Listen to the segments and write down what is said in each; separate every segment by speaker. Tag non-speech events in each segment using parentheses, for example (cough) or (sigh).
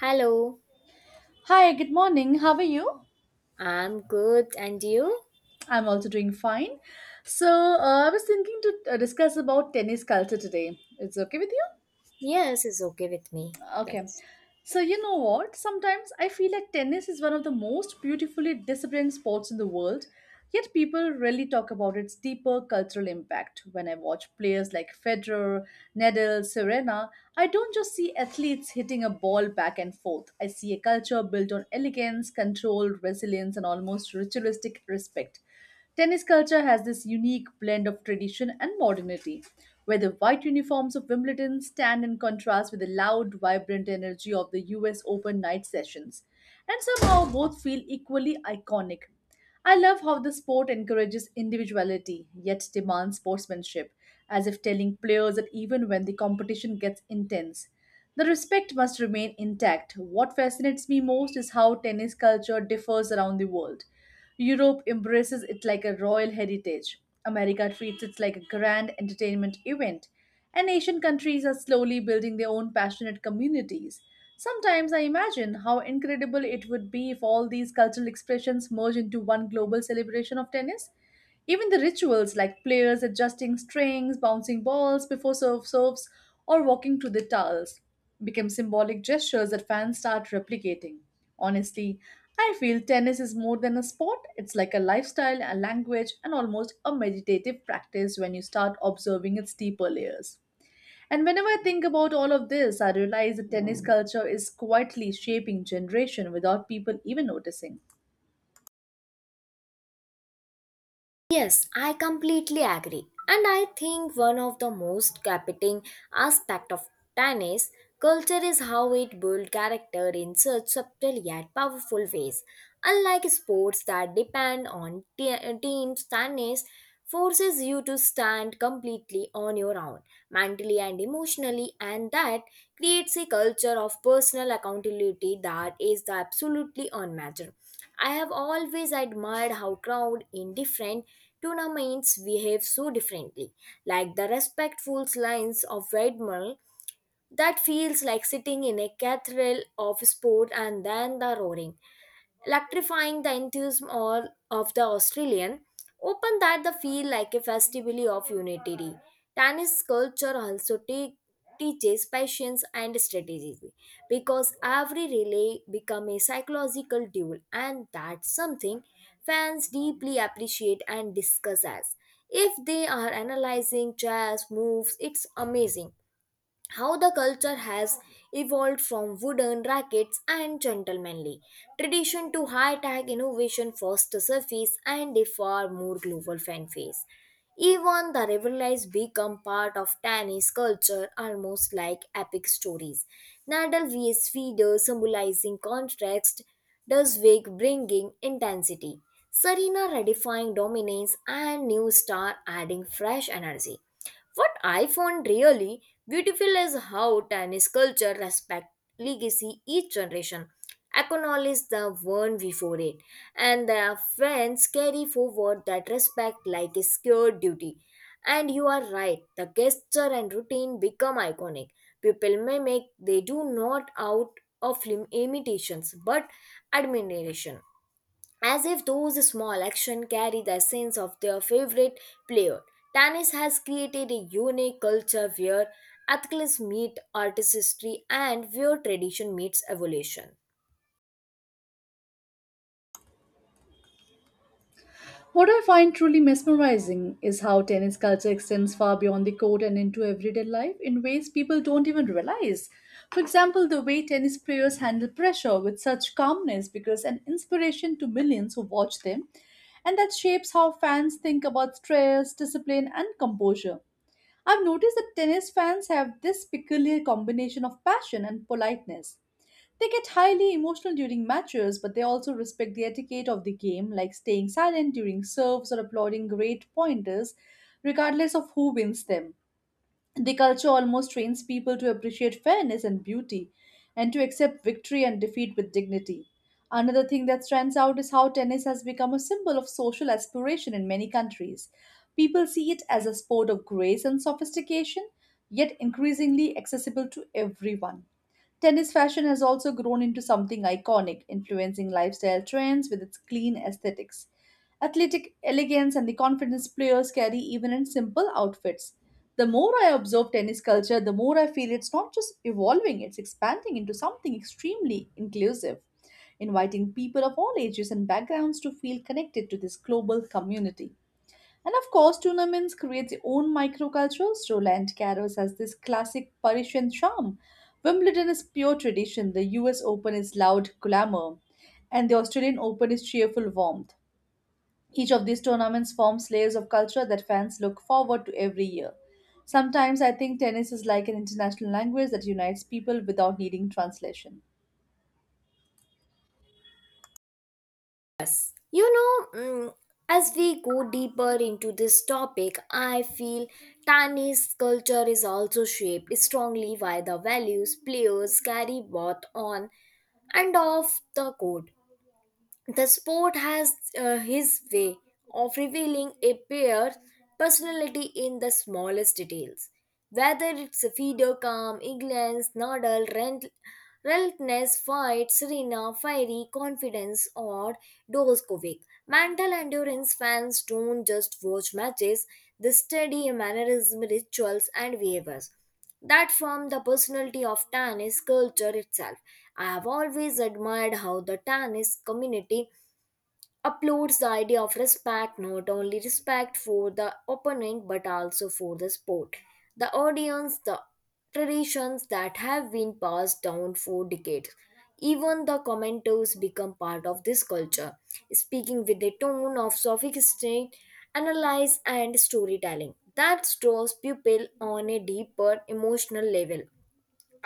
Speaker 1: Hello,
Speaker 2: Hi, good morning. How are you?
Speaker 1: I'm good, and you?
Speaker 2: I'm also doing fine. So, I was thinking to discuss about tennis culture today. It's okay with you?
Speaker 1: Yes, it's okay with me.
Speaker 2: Okay.
Speaker 1: Let's.
Speaker 2: So you know what? Sometimes I feel like tennis is one of the most beautifully disciplined sports in the world, yet people rarely talk about its deeper cultural impact. When I watch players like Federer, Nadal, Serena, I don't just see athletes hitting a ball back and forth. I see a culture built on elegance, control, resilience, and almost ritualistic respect. Tennis culture has this unique blend of tradition and modernity, where the white uniforms of Wimbledon stand in contrast with the loud, vibrant energy of the US Open night sessions, and somehow both feel equally iconic. I love how the sport encourages individuality yet demands sportsmanship, as if telling players that even when the competition gets intense, the respect must remain intact. What fascinates me most is how tennis culture differs around the world. Europe embraces it like a royal heritage. America treats it like a grand entertainment event. And Asian countries are slowly building their own passionate communities. Sometimes I imagine how incredible it would be if all these cultural expressions merge into one global celebration of tennis. Even the rituals like players adjusting strings, bouncing balls before serves, or walking to the towels become symbolic gestures that fans start replicating. Honestly, I feel tennis is more than a sport, it's like a lifestyle, a language, and almost a meditative practice when you start observing its deeper layers. And whenever I think about all of this, I realize that tennis culture is quietly shaping generation without people even noticing.
Speaker 1: Yes, I completely agree. And I think one of the most captivating aspect of tennis culture is how it builds character in such subtle yet powerful ways. Unlike sports that depend on teams, tennis forces you to stand completely on your own, mentally and emotionally, and that creates a culture of personal accountability that is absolutely unmatched. I have always admired how crowd in different tournaments behave so differently, like the respectful lines of Weidmull that feels like sitting in a cathedral of sport and then the roaring electrifying the enthusiasm all of the Australian, open that the feel like a festival of unity. Tennis culture also teaches patience and strategy because every relay become a psychological duel, and that's something fans deeply appreciate and discuss as if they are analyzing chess moves. It's amazing how the culture has evolved from wooden rackets and gentlemanly tradition to high-tech innovation first surface and a far more global fan base. Even the rivalries become part of tennis culture almost like epic stories. Nadal vs Federer symbolizing contrast, Dusvig bringing intensity, Serena redefining dominance and new star adding fresh energy. What I found really beautiful is how tennis culture respect legacy each generation, acknowledge the one before it, and their friends carry forward that respect like a scared duty. And you are right, the gesture and routine become iconic. People mimic, they do not out of imitations but admiration, as if those small actions carry the essence of their favorite player. Tennis has created a unique culture where athletes meet artistry and where tradition meets evolution.
Speaker 2: What I find truly mesmerizing is how tennis culture extends far beyond the court and into everyday life in ways people don't even realize. For example, the way tennis players handle pressure with such calmness becomes an inspiration to millions who watch them, and that shapes how fans think about stress, discipline, and composure. I've noticed that tennis fans have this peculiar combination of passion and politeness. They get highly emotional during matches, but they also respect the etiquette of the game, like staying silent during serves or applauding great pointers, regardless of who wins them. The culture almost trains people to appreciate fairness and beauty and to accept victory and defeat with dignity. Another thing that stands out is how tennis has become a symbol of social aspiration in many countries. People see it as a sport of grace and sophistication, yet increasingly accessible to everyone. Tennis fashion has also grown into something iconic, influencing lifestyle trends with its clean aesthetics. Athletic elegance and the confidence players carry even in simple outfits. The more I observe tennis culture, the more I feel it's not just evolving, it's expanding into something extremely inclusive, inviting people of all ages and backgrounds to feel connected to this global community. And of course, tournaments create their own microcultures. Roland Garros has this classic Parisian charm. Wimbledon is pure tradition. The US Open is loud glamour. And the Australian Open is cheerful warmth. Each of these tournaments forms layers of culture that fans look forward to every year. Sometimes I think tennis is like an international language that unites people without needing translation.
Speaker 1: You know, mm, as we go deeper into this topic, I feel tennis culture is also shaped strongly by the values players carry both on and off the court. The sport has his way of revealing a player's personality in the smallest details. Whether it's a Fido calm, England's Nadal, relentless fight, Serena, fiery confidence, or Djokovic. Mental endurance fans don't just watch matches; they study mannerism, rituals, and behaviors that formed the personality of Tannis culture itself. I have always admired how the Tannis community uploads the idea of respect, not only respect for the opponent but also for the sport, the audience, the traditions that have been passed down for decades. Even the commenters become part of this culture, speaking with a tone of sophisticated analysis and storytelling that draws people on a deeper emotional level.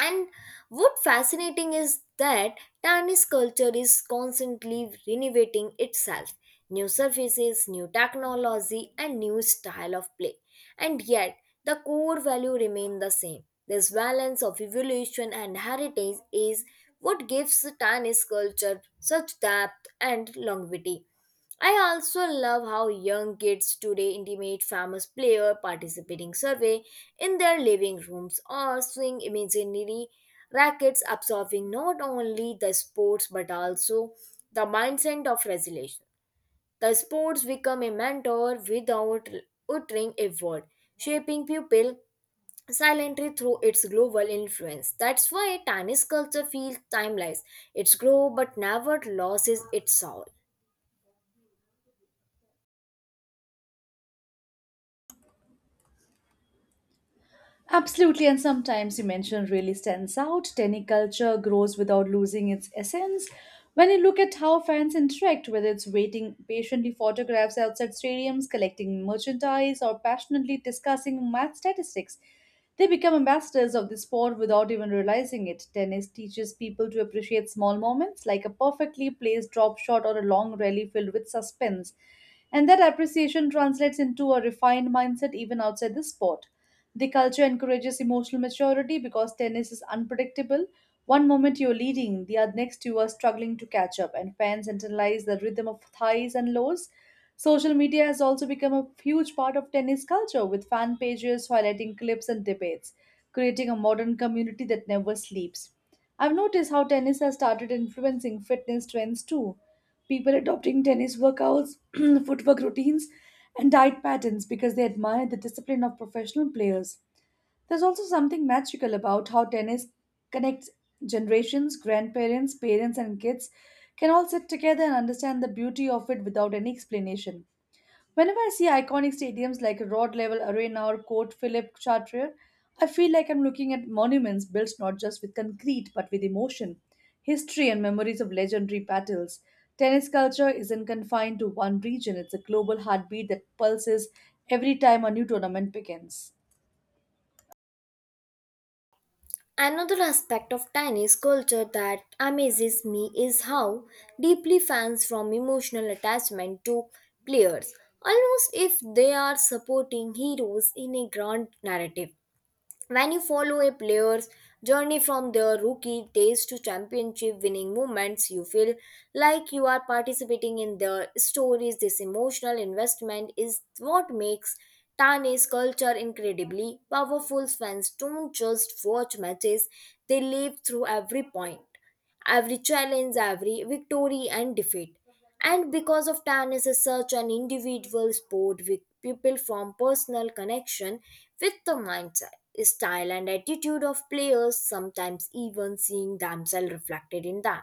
Speaker 1: And what fascinating is that Danish culture is constantly renovating itself. New surfaces, new technology, and new style of play. And yet, the core value remain the same. This balance of evolution and heritage is what gives Danish culture such depth and longevity. I also love how young kids today intimate famous player participating survey in their living rooms, or swing imaginary rackets, absorbing not only the sports but also the mindset of resilience. The sports become a mentor without uttering a word, shaping pupil silently through its global influence. That's why tennis culture feels timeless. Its grow but never loses its soul.
Speaker 2: Absolutely, and sometimes you mentioned really stands out. Tenny culture grows without losing its essence. When you look at how fans interact, whether it's waiting patiently photographs outside stadiums, collecting merchandise, or passionately discussing math statistics, they become ambassadors of the sport without even realizing it. Tennis teaches people to appreciate small moments, like a perfectly placed drop shot or a long rally filled with suspense. And that appreciation translates into a refined mindset even outside the sport. The culture encourages emotional maturity because tennis is unpredictable. One moment you're leading, the next you are struggling to catch up, and fans internalize the rhythm of highs and lows. Social media has also become a huge part of tennis culture, with fan pages highlighting clips and debates, creating a modern community that never sleeps. I've noticed how tennis has started influencing fitness trends too. People adopting tennis workouts, (clears throat) footwork routines, and diet patterns because they admire the discipline of professional players. There's also something magical about how tennis connects generations, grandparents, parents, and kids can all sit together and understand the beauty of it without any explanation. Whenever I see iconic stadiums like Rod Level Arena or Court Philip Chartier, I feel like I'm looking at monuments built not just with concrete but with emotion, history, and memories of legendary battles. Tennis culture isn't confined to one region, it's a global heartbeat that pulses every time a new tournament begins.
Speaker 1: Another aspect of Chinese culture that amazes me is how deeply fans from emotional attachment to players, almost if they are supporting heroes in a grand narrative. When you follow a player's journey from their rookie days to championship winning moments, you feel like you are participating in their stories. This emotional investment is what makes Tane's culture incredibly powerful. Fans don't just watch matches, they live through every point, every challenge, every victory and defeat. And because of tennis is such an individual sport with people from personal connection with the mindset, style and attitude of players, sometimes even seeing themselves reflected in them.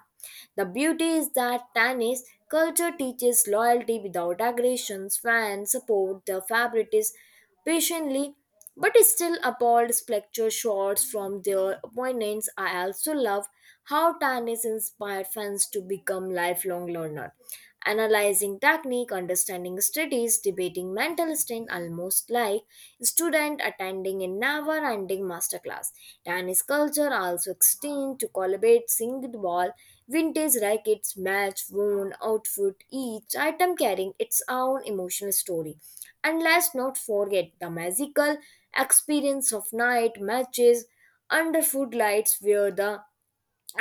Speaker 1: The beauty is that tennis culture teaches loyalty without aggressions. Fans support their favorites patiently but still appalled spectre shots from their opponents. I also love how tennis inspired fans to become lifelong learner, analyzing technique, understanding studies, debating mental strength, almost like student attending a never-ending masterclass. Tennis culture also extends to collaborate singed ball, vintage rackets, match worn outfit, each item carrying its own emotional story. And let's not forget the magical experience of night matches under food lights, where the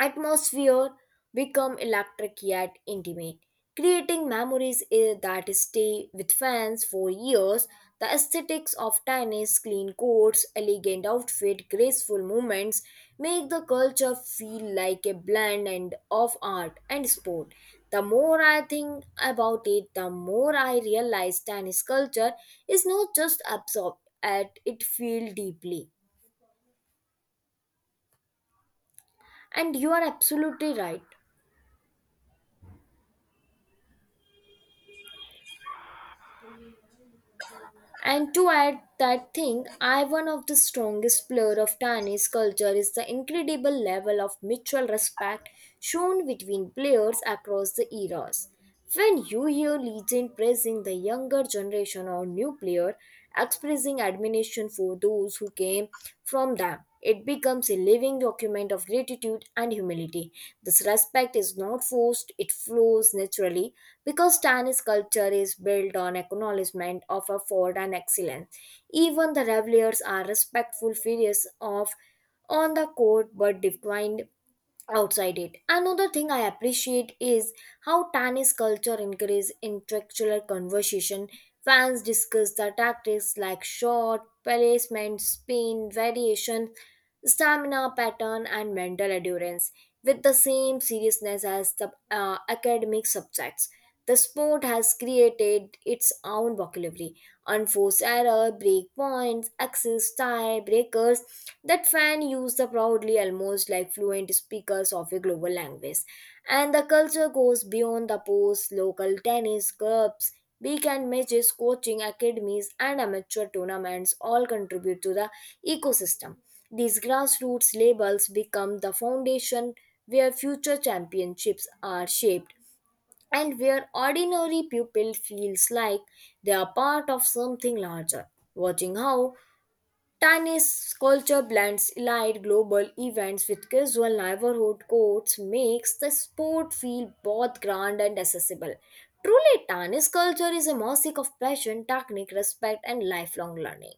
Speaker 1: atmosphere become electric yet intimate, creating memories that stay with fans for years. The aesthetics of tennis, clean courts, elegant outfit, graceful movements, make the culture feel like a blend and of art and sport. The more I think about it, the more I realize tennis culture is not just absorbed at it feel deeply. And you are absolutely right. And to add that thing, I one of the strongest blur of Tani's culture is the incredible level of mutual respect shown between players across the eras. When you hear legend praising the younger generation or new player, expressing admiration for those who came from them, it becomes a living document of gratitude and humility. This respect is not forced, it flows naturally because Chinese culture is built on acknowledgement of effort and excellence. Even the revelers are respectful figures of on the court but declined outside it. Another thing I appreciate is how tennis culture encourages intellectual conversation. Fans discuss the tactics like shot, placement, spin, variation, stamina pattern, and mental endurance with the same seriousness as the academic subjects. The sport has created its own vocabulary, unforced error, breakpoints, access tiebreakers, that fan use the proudly almost like fluent speakers of a global language. And the culture goes beyond the post, local tennis clubs, weekend matches, coaching academies, and amateur tournaments all contribute to the ecosystem. These grassroots labels become the foundation where future championships are shaped, and where ordinary pupil feels like they are part of something larger. Watching how tiny culture blends elite global events with casual neighborhood courts makes the sport feel both grand and accessible. Truly, tennis culture is a mosaic of passion, technique, respect, and lifelong learning.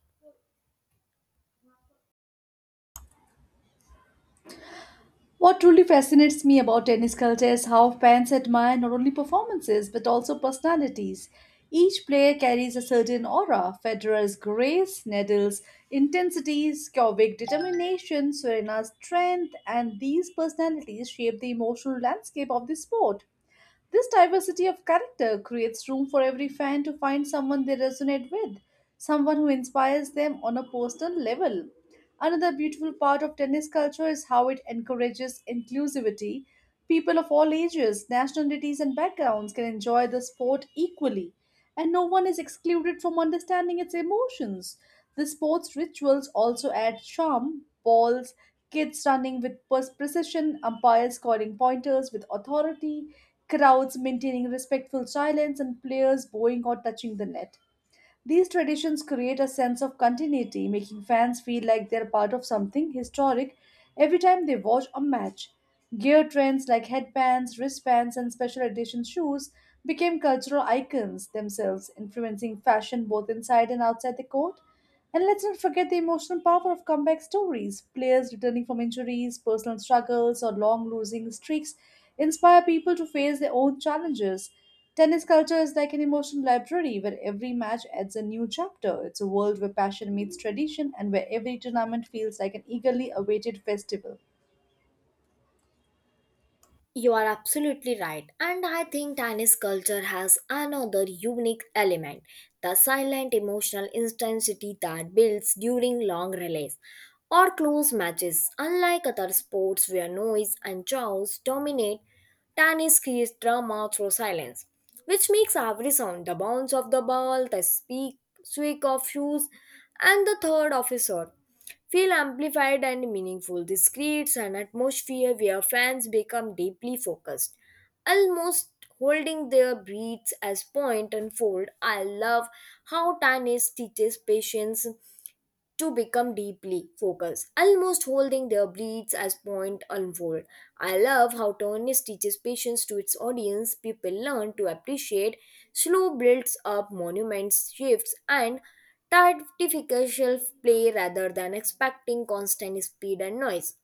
Speaker 2: What truly fascinates me about tennis culture is how fans admire not only performances but also personalities. Each player carries a certain aura. Federer's grace, Nadal's intensity, Djokovic's determination, Serena's strength, and these personalities shape the emotional landscape of the sport. This diversity of character creates room for every fan to find someone they resonate with, someone who inspires them on a personal level. Another beautiful part of tennis culture is how it encourages inclusivity. People of all ages, nationalities, and backgrounds can enjoy the sport equally, and no one is excluded from understanding its emotions. The sport's rituals also add charm, balls, kids running with precision, umpires scoring pointers with authority, crowds maintaining respectful silence, and players bowing or touching the net. These traditions create a sense of continuity, making fans feel like they're part of something historic every time they watch a match. Gear trends like headbands, wristbands, and special edition shoes became cultural icons themselves, influencing fashion both inside and outside the court. And let's not forget the emotional power of comeback stories. Players returning from injuries, personal struggles, or long losing streaks inspire people to face their own challenges. Tennis culture is like an emotional library where every match adds a new chapter. It's a world where passion meets tradition and where every tournament feels like an eagerly awaited festival.
Speaker 1: You are absolutely right. And I think Chinese culture has another unique element, the silent emotional intensity that builds during long relays or close matches. Unlike other sports where noise and chaos dominate, tennis creates drama through silence, which makes every sound, the bounce of the ball, the squeak of shoes, and the third officer feel amplified and meaningful. This creates an atmosphere where fans become deeply focused, almost holding their breaths as point unfold. I love how Tanis teaches patience to become deeply focused, almost holding their breaths as point unfold. I love how Tony's teaches patience to its audience. People learn to appreciate slow builds up monuments, shifts, and artificial play rather than expecting constant speed and noise.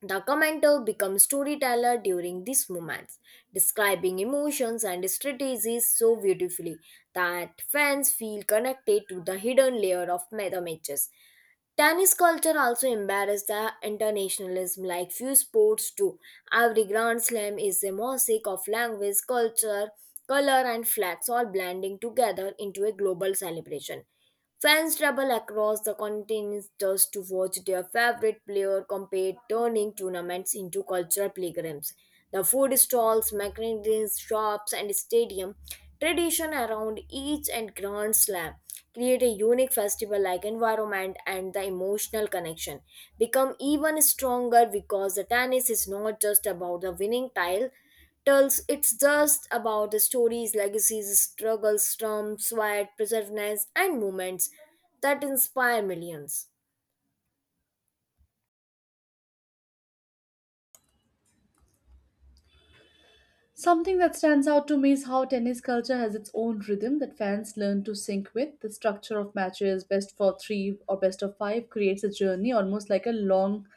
Speaker 1: The commenter becomes storyteller during these moments, describing emotions and strategies so beautifully that fans feel connected to the hidden layer of meta matches. Tennis culture also embarrassed the internationalism like few sports do. Every Grand Slam is a mosaic of language, culture, color, and flags all blending together into a global celebration. Fans travel across the continents just to watch their favorite player compete, turning tournaments into cultural pilgrims. The food stalls, magazines, shops, and stadium tradition around each and Grand Slam create a unique festival like environment, and the emotional connection become even stronger because the tennis is not just about the winning tile tells, it's just about the stories, legacies, struggles, storms, sweat, perseverance, and moments that inspire millions.
Speaker 2: Something that stands out to me is how tennis culture has its own rhythm that fans learn to sync with. The structure of matches, best for three or best of five, creates a journey almost like a long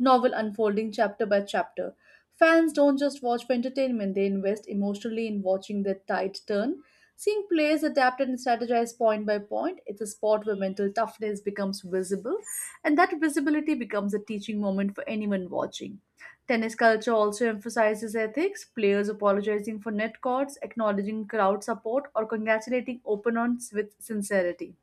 Speaker 2: novel unfolding chapter by chapter. Fans don't just watch for entertainment, they invest emotionally in watching the tide turn. Seeing players adapt and strategize point by point, it's a sport where mental toughness becomes visible, and that visibility becomes a teaching moment for anyone watching. Tennis culture also emphasizes ethics, players apologizing for net courts, acknowledging crowd support, or congratulating opponents with sincerity.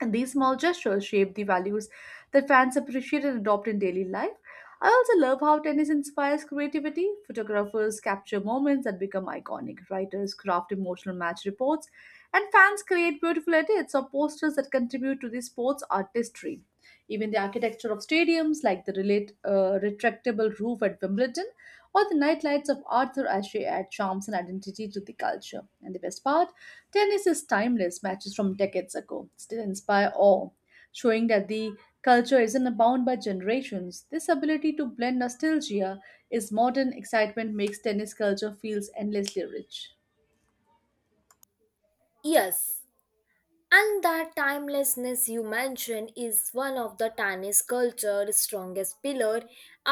Speaker 2: And these small gestures shape the values that fans appreciate and adopt in daily life. I also love how tennis inspires creativity. Photographers capture moments that become iconic, writers craft emotional match reports, and fans create beautiful edits or posters that contribute to the sport's artistry. Even the architecture of stadiums, like the retractable roof at Wimbledon, or the night lights of Arthur Ashe add charms and identity to the culture. And the best part, tennis is timeless, matches from decades ago still inspire awe, showing that the culture isn't bound by generations. This ability to blend nostalgia is modern excitement makes tennis culture feels endlessly rich.
Speaker 1: Yes. And that timelessness you mention is one of the tennis culture's strongest pillar.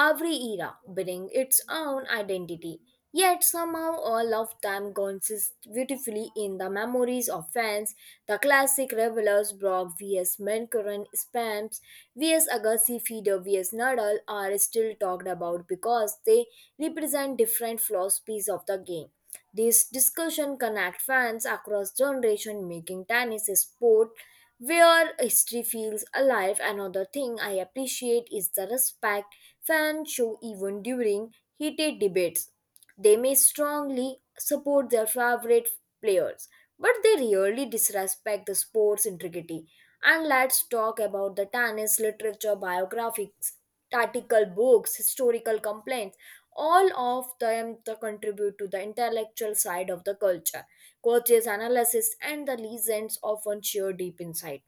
Speaker 1: Every era brings its own identity. Yet somehow all of them consist beautifully in the memories of fans. The classic revelers, Brock vs. Menkaran, Spams vs. Agassi, Feeder vs. Nadal, are still talked about because they represent different philosophies of the game. This discussion connects fans across generations, making tennis a sport where history feels alive. Another thing I appreciate is the respect fans show even during heated debates. They may strongly support their favorite players, but they rarely disrespect the sport's integrity. And let's talk about the tennis literature, biographies, article books, historical complaints, all of them to contribute to the intellectual side of the culture. Coaches analysis and the legends often share deep insight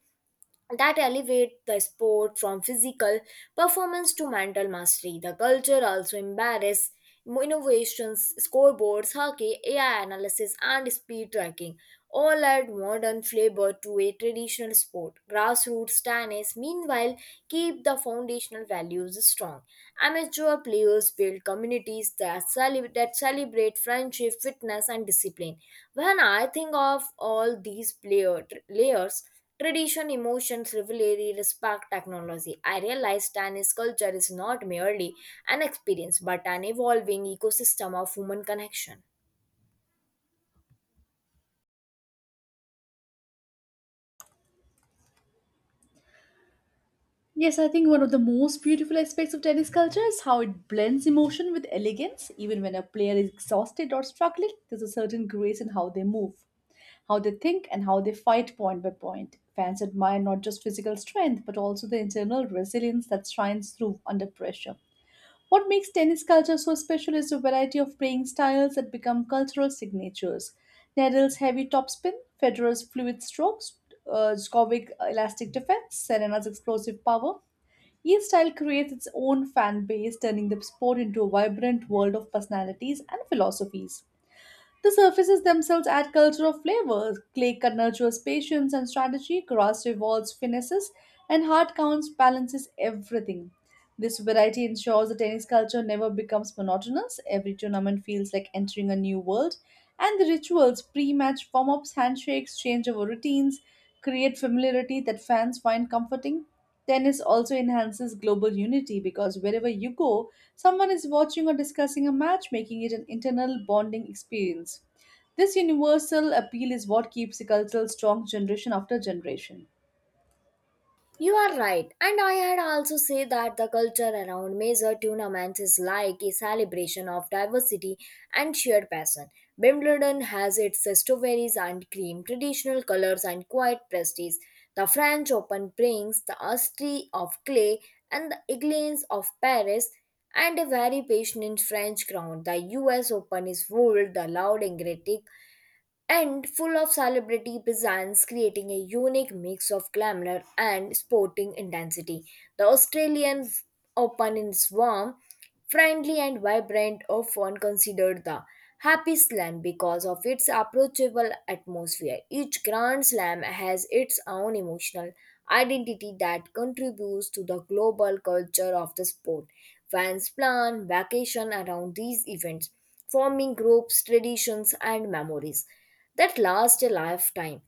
Speaker 1: that elevate the sport from physical performance to mental mastery. The culture also embraces innovations, scoreboards, hockey, AI analysis, and speed tracking, all add modern flavor to a traditional sport. Grassroots tennis, meanwhile, keep the foundational values strong. Amateur players build communities that, that celebrate friendship, fitness, and discipline. When I think of all these layers, tradition, emotions, rivalry, respect, technology. I realize Chinese culture is not merely an experience but an evolving ecosystem of human connection.
Speaker 2: Yes, I think one of the most beautiful aspects of tennis culture is how it blends emotion with elegance. Even when a player is exhausted or struggling, there's a certain grace in how they move, how they think, and how they fight point by point. Fans admire not just physical strength, but also the internal resilience that shines through under pressure. What makes tennis culture so special is the variety of playing styles that become cultural signatures. Nadal's heavy topspin, Federer's fluid strokes, Djokovic's elastic defense, Serena's explosive power. Each style creates its own fan base, turning the sport into a vibrant world of personalities and philosophies. The surfaces themselves add cultural flavors. Clay cut nurtures patience and strategy, grass rewards finesses, and hard counts balances everything. This variety ensures the tennis culture never becomes monotonous. Every tournament feels like entering a new world, and the rituals, pre match warm ups, handshakes, changeover routines, create familiarity that fans find comforting. Tennis also enhances global unity because wherever you go, someone is watching or discussing a match, making it an internal bonding experience. This universal appeal is what keeps the culture strong generation after generation.
Speaker 1: You are right, and I had also said that the culture around major tournaments is like a celebration of diversity and shared passion. Wimbledon has its strawberries and cream, traditional colors, and quiet prestige. The French Open brings the artistry of clay and the elegance of Paris and a very passionate French crowd. The US Open is ruled the loud, energetic, and full of celebrity presence, creating a unique mix of glamour and sporting intensity. The Australian Open is warm, friendly, and vibrant, often considered the Happy Slam because of its approachable atmosphere. Each Grand Slam has its own emotional identity that contributes to the global culture of the sport. Fans plan vacation around these events, forming groups, traditions, and memories that last a lifetime.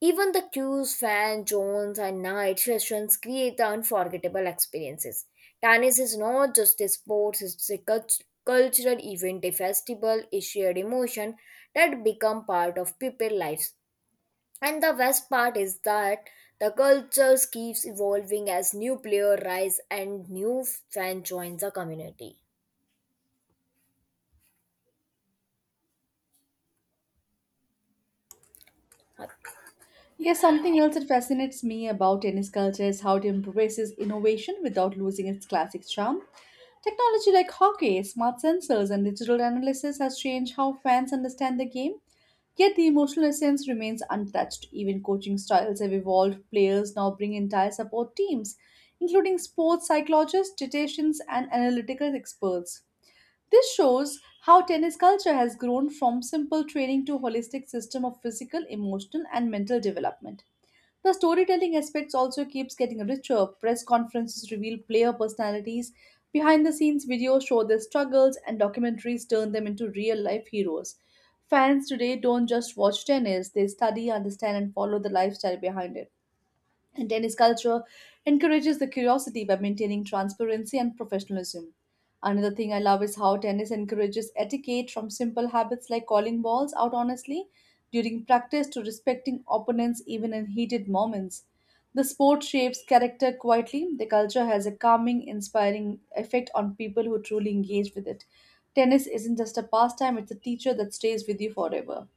Speaker 1: Even the queues, fan zones, and night sessions create the unforgettable experiences. Tennis is not just a sport, it's a cultural event, a festival, a shared emotion that become part of people's lives. And the best part is that the culture keeps evolving as new players rise and new fans join the community.
Speaker 2: Yes, something else that fascinates me about tennis culture is how it embraces innovation without losing its classic charm. Technology like hockey, smart sensors, and digital analysis has changed how fans understand the game, yet the emotional essence remains untouched. Even coaching styles have evolved. Players now bring entire support teams, including sports psychologists, dietitians, and analytical experts. This shows how tennis culture has grown from simple training to holistic system of physical, emotional, and mental development. The storytelling aspects also keeps getting richer. Press conferences reveal player personalities, behind the scenes videos show their struggles, and documentaries turn them into real life heroes. Fans today don't just watch tennis, they study, understand, and follow the lifestyle behind it. And tennis culture encourages the curiosity by maintaining transparency and professionalism. Another thing I love is how tennis encourages etiquette from simple habits like calling balls out honestly during practice to respecting opponents even in heated moments. The sport shapes character quietly. The culture has a calming, inspiring effect on people who truly engage with it. Tennis isn't just a pastime, it's a teacher that stays with you forever.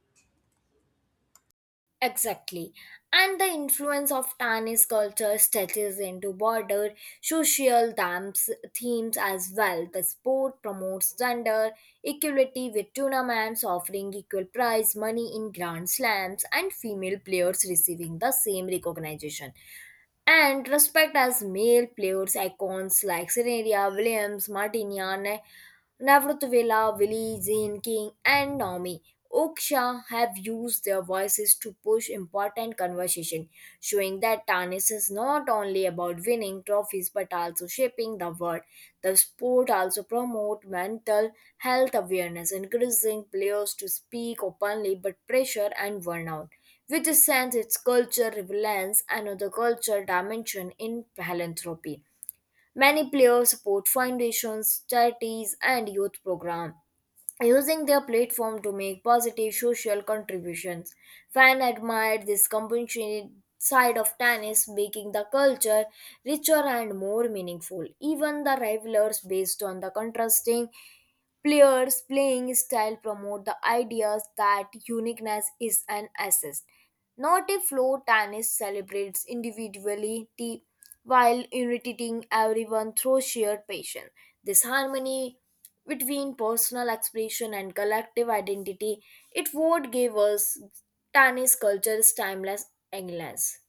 Speaker 1: Exactly. And the influence of Tannis culture stretches into broader social themes as well. The sport promotes gender equality with tournaments offering equal prize money in grand slams and female players receiving the same recognition and respect as male players icons like Serena Williams, Martina Navrutuvela, Willie, Zane King, and Naomi Oksha have used their voices to push important conversation, showing that tennis is not only about winning trophies but also shaping the world. The sport also promotes mental health awareness, encouraging players to speak openly but pressure and burnout, which sends its culture relevance another culture dimension in philanthropy. Many players support foundations, charities, and youth programs, using their platform to make positive social contributions. Fans admired this compassionate side of tennis, making the culture richer and more meaningful. Even the rivalries, based on the contrasting Players' playing style promote the ideas that uniqueness is an asset, not a floor tennis celebrates individuality while uniting everyone through shared passion. This harmony between personal expression and collective identity, it would give us tennis culture's timeless elegance.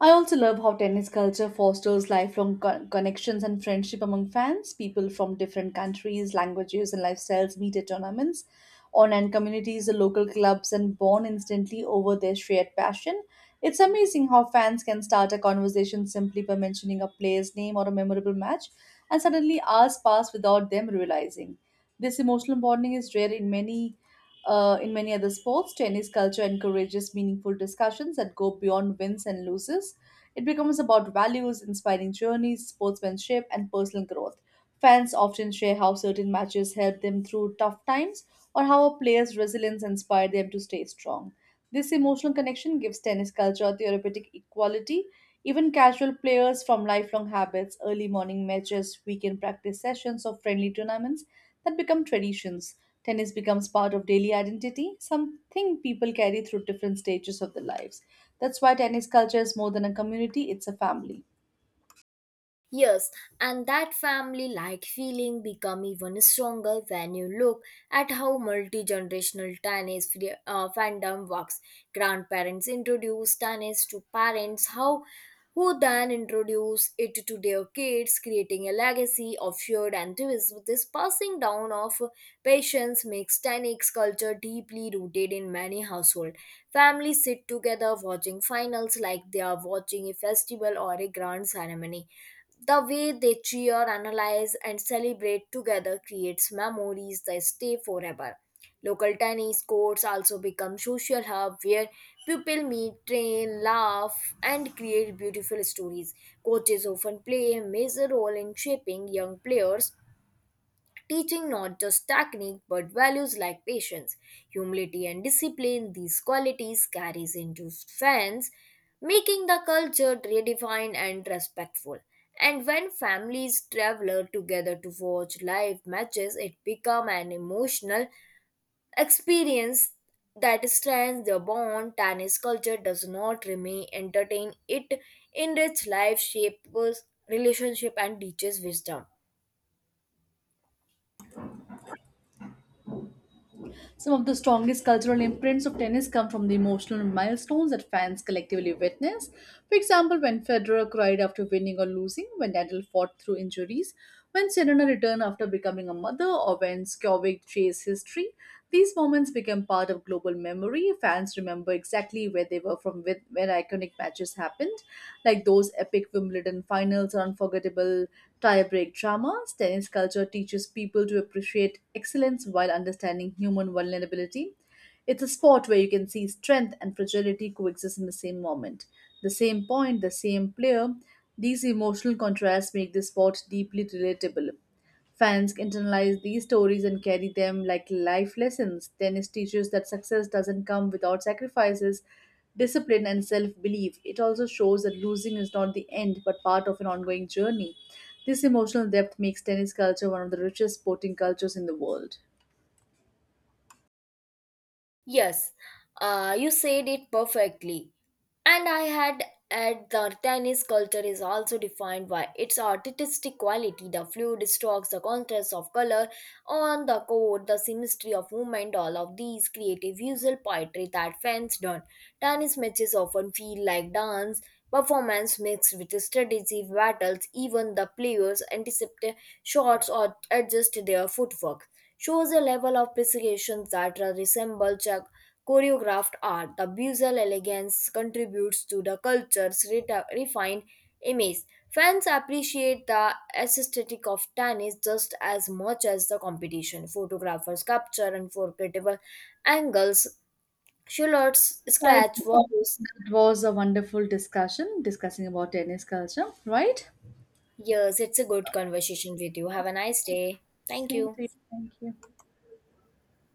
Speaker 2: I also love how tennis culture fosters lifelong connections and friendship among fans. People from different countries, languages, and lifestyles meet at tournaments, online communities, the local clubs, and bond instantly over their shared passion. It's amazing how fans can start a conversation simply by mentioning a player's name or a memorable match, and suddenly hours pass without them realizing. This emotional bonding is rare in many other sports, tennis culture encourages meaningful discussions that go beyond wins and losses. It becomes about values, inspiring journeys, sportsmanship, and personal growth. Fans often share how certain matches helped them through tough times or how a player's resilience inspired them to stay strong. This emotional connection gives tennis culture therapeutic equality. Even casual players from lifelong habits, early morning matches, weekend practice sessions, or friendly tournaments that become traditions. Tennis becomes part of daily identity, something people carry through different stages of their lives. That's why tennis culture is more than a community, it's a family.
Speaker 1: Yes, and that family like feeling become even stronger when you look at how multi-generational fandom works. Grandparents introduce tennis to parents how who then introduce it to their kids, creating a legacy of shared enthusiasm. This passing down of patience makes tennis culture deeply rooted in many households. Families sit together watching finals like they are watching a festival or a grand ceremony the way they cheer, analyze, and celebrate together creates memories that stay forever. Local tennis courts also become social hub where people meet, train, laugh, and create beautiful stories. Coaches often play a major role in shaping young players teaching not just technique but values like patience, humility, and discipline. These qualities carries into fans, making the culture redefined and respectful. And when families travel together to watch live matches, it become an emotional experience that strengthens the bond. Tennis culture does not remain entertain; it enriches life, shapes relationship, and teaches wisdom.
Speaker 2: Some of the strongest cultural imprints of tennis come from the emotional milestones that fans collectively witness. For example, when Federer cried after winning or losing, when Nadal fought through injuries, when Serena returned after becoming a mother, or when Skjovic chased history. These moments become part of global memory. Fans remember exactly where they were from with where iconic matches happened, like those epic Wimbledon finals or unforgettable tie break dramas, tennis culture teaches people to appreciate excellence while understanding human vulnerability. It's a sport where you can see strength and fragility coexist in the same moment, the same point, the same player. These emotional contrasts make this sport deeply relatable. Fans internalize these stories and carry them like life lessons. Tennis teaches that success doesn't come without sacrifices, discipline, and self belief. It also shows that losing is not the end but part of an ongoing journey. This emotional depth makes tennis culture one of the richest sporting cultures in the world.
Speaker 1: Yes, you said it perfectly. And I had add the Artanis culture is also defined by its artistic quality, the fluid strokes, the contrast of color on the coat, the symmetry of movement, all of these creative visual poetry that fans done. Tanis matches often feel like dance Performance mixed with strategy battles, even the players anticipate shots or adjust their footwork, shows a level of precision that resembles a choreographed art. The visual elegance contributes to the culture's refined image. Fans appreciate the aesthetic of tennis just as much as the competition. Photographers capture unforgettable angles, silhouettes,
Speaker 2: I,
Speaker 1: scratch
Speaker 2: that
Speaker 1: walls,
Speaker 2: was a wonderful discussion discussing about tennis culture, right?
Speaker 1: Yes, it's a good conversation with you. Have a nice day. Thank
Speaker 2: Same
Speaker 1: you.
Speaker 2: to you. Thank you.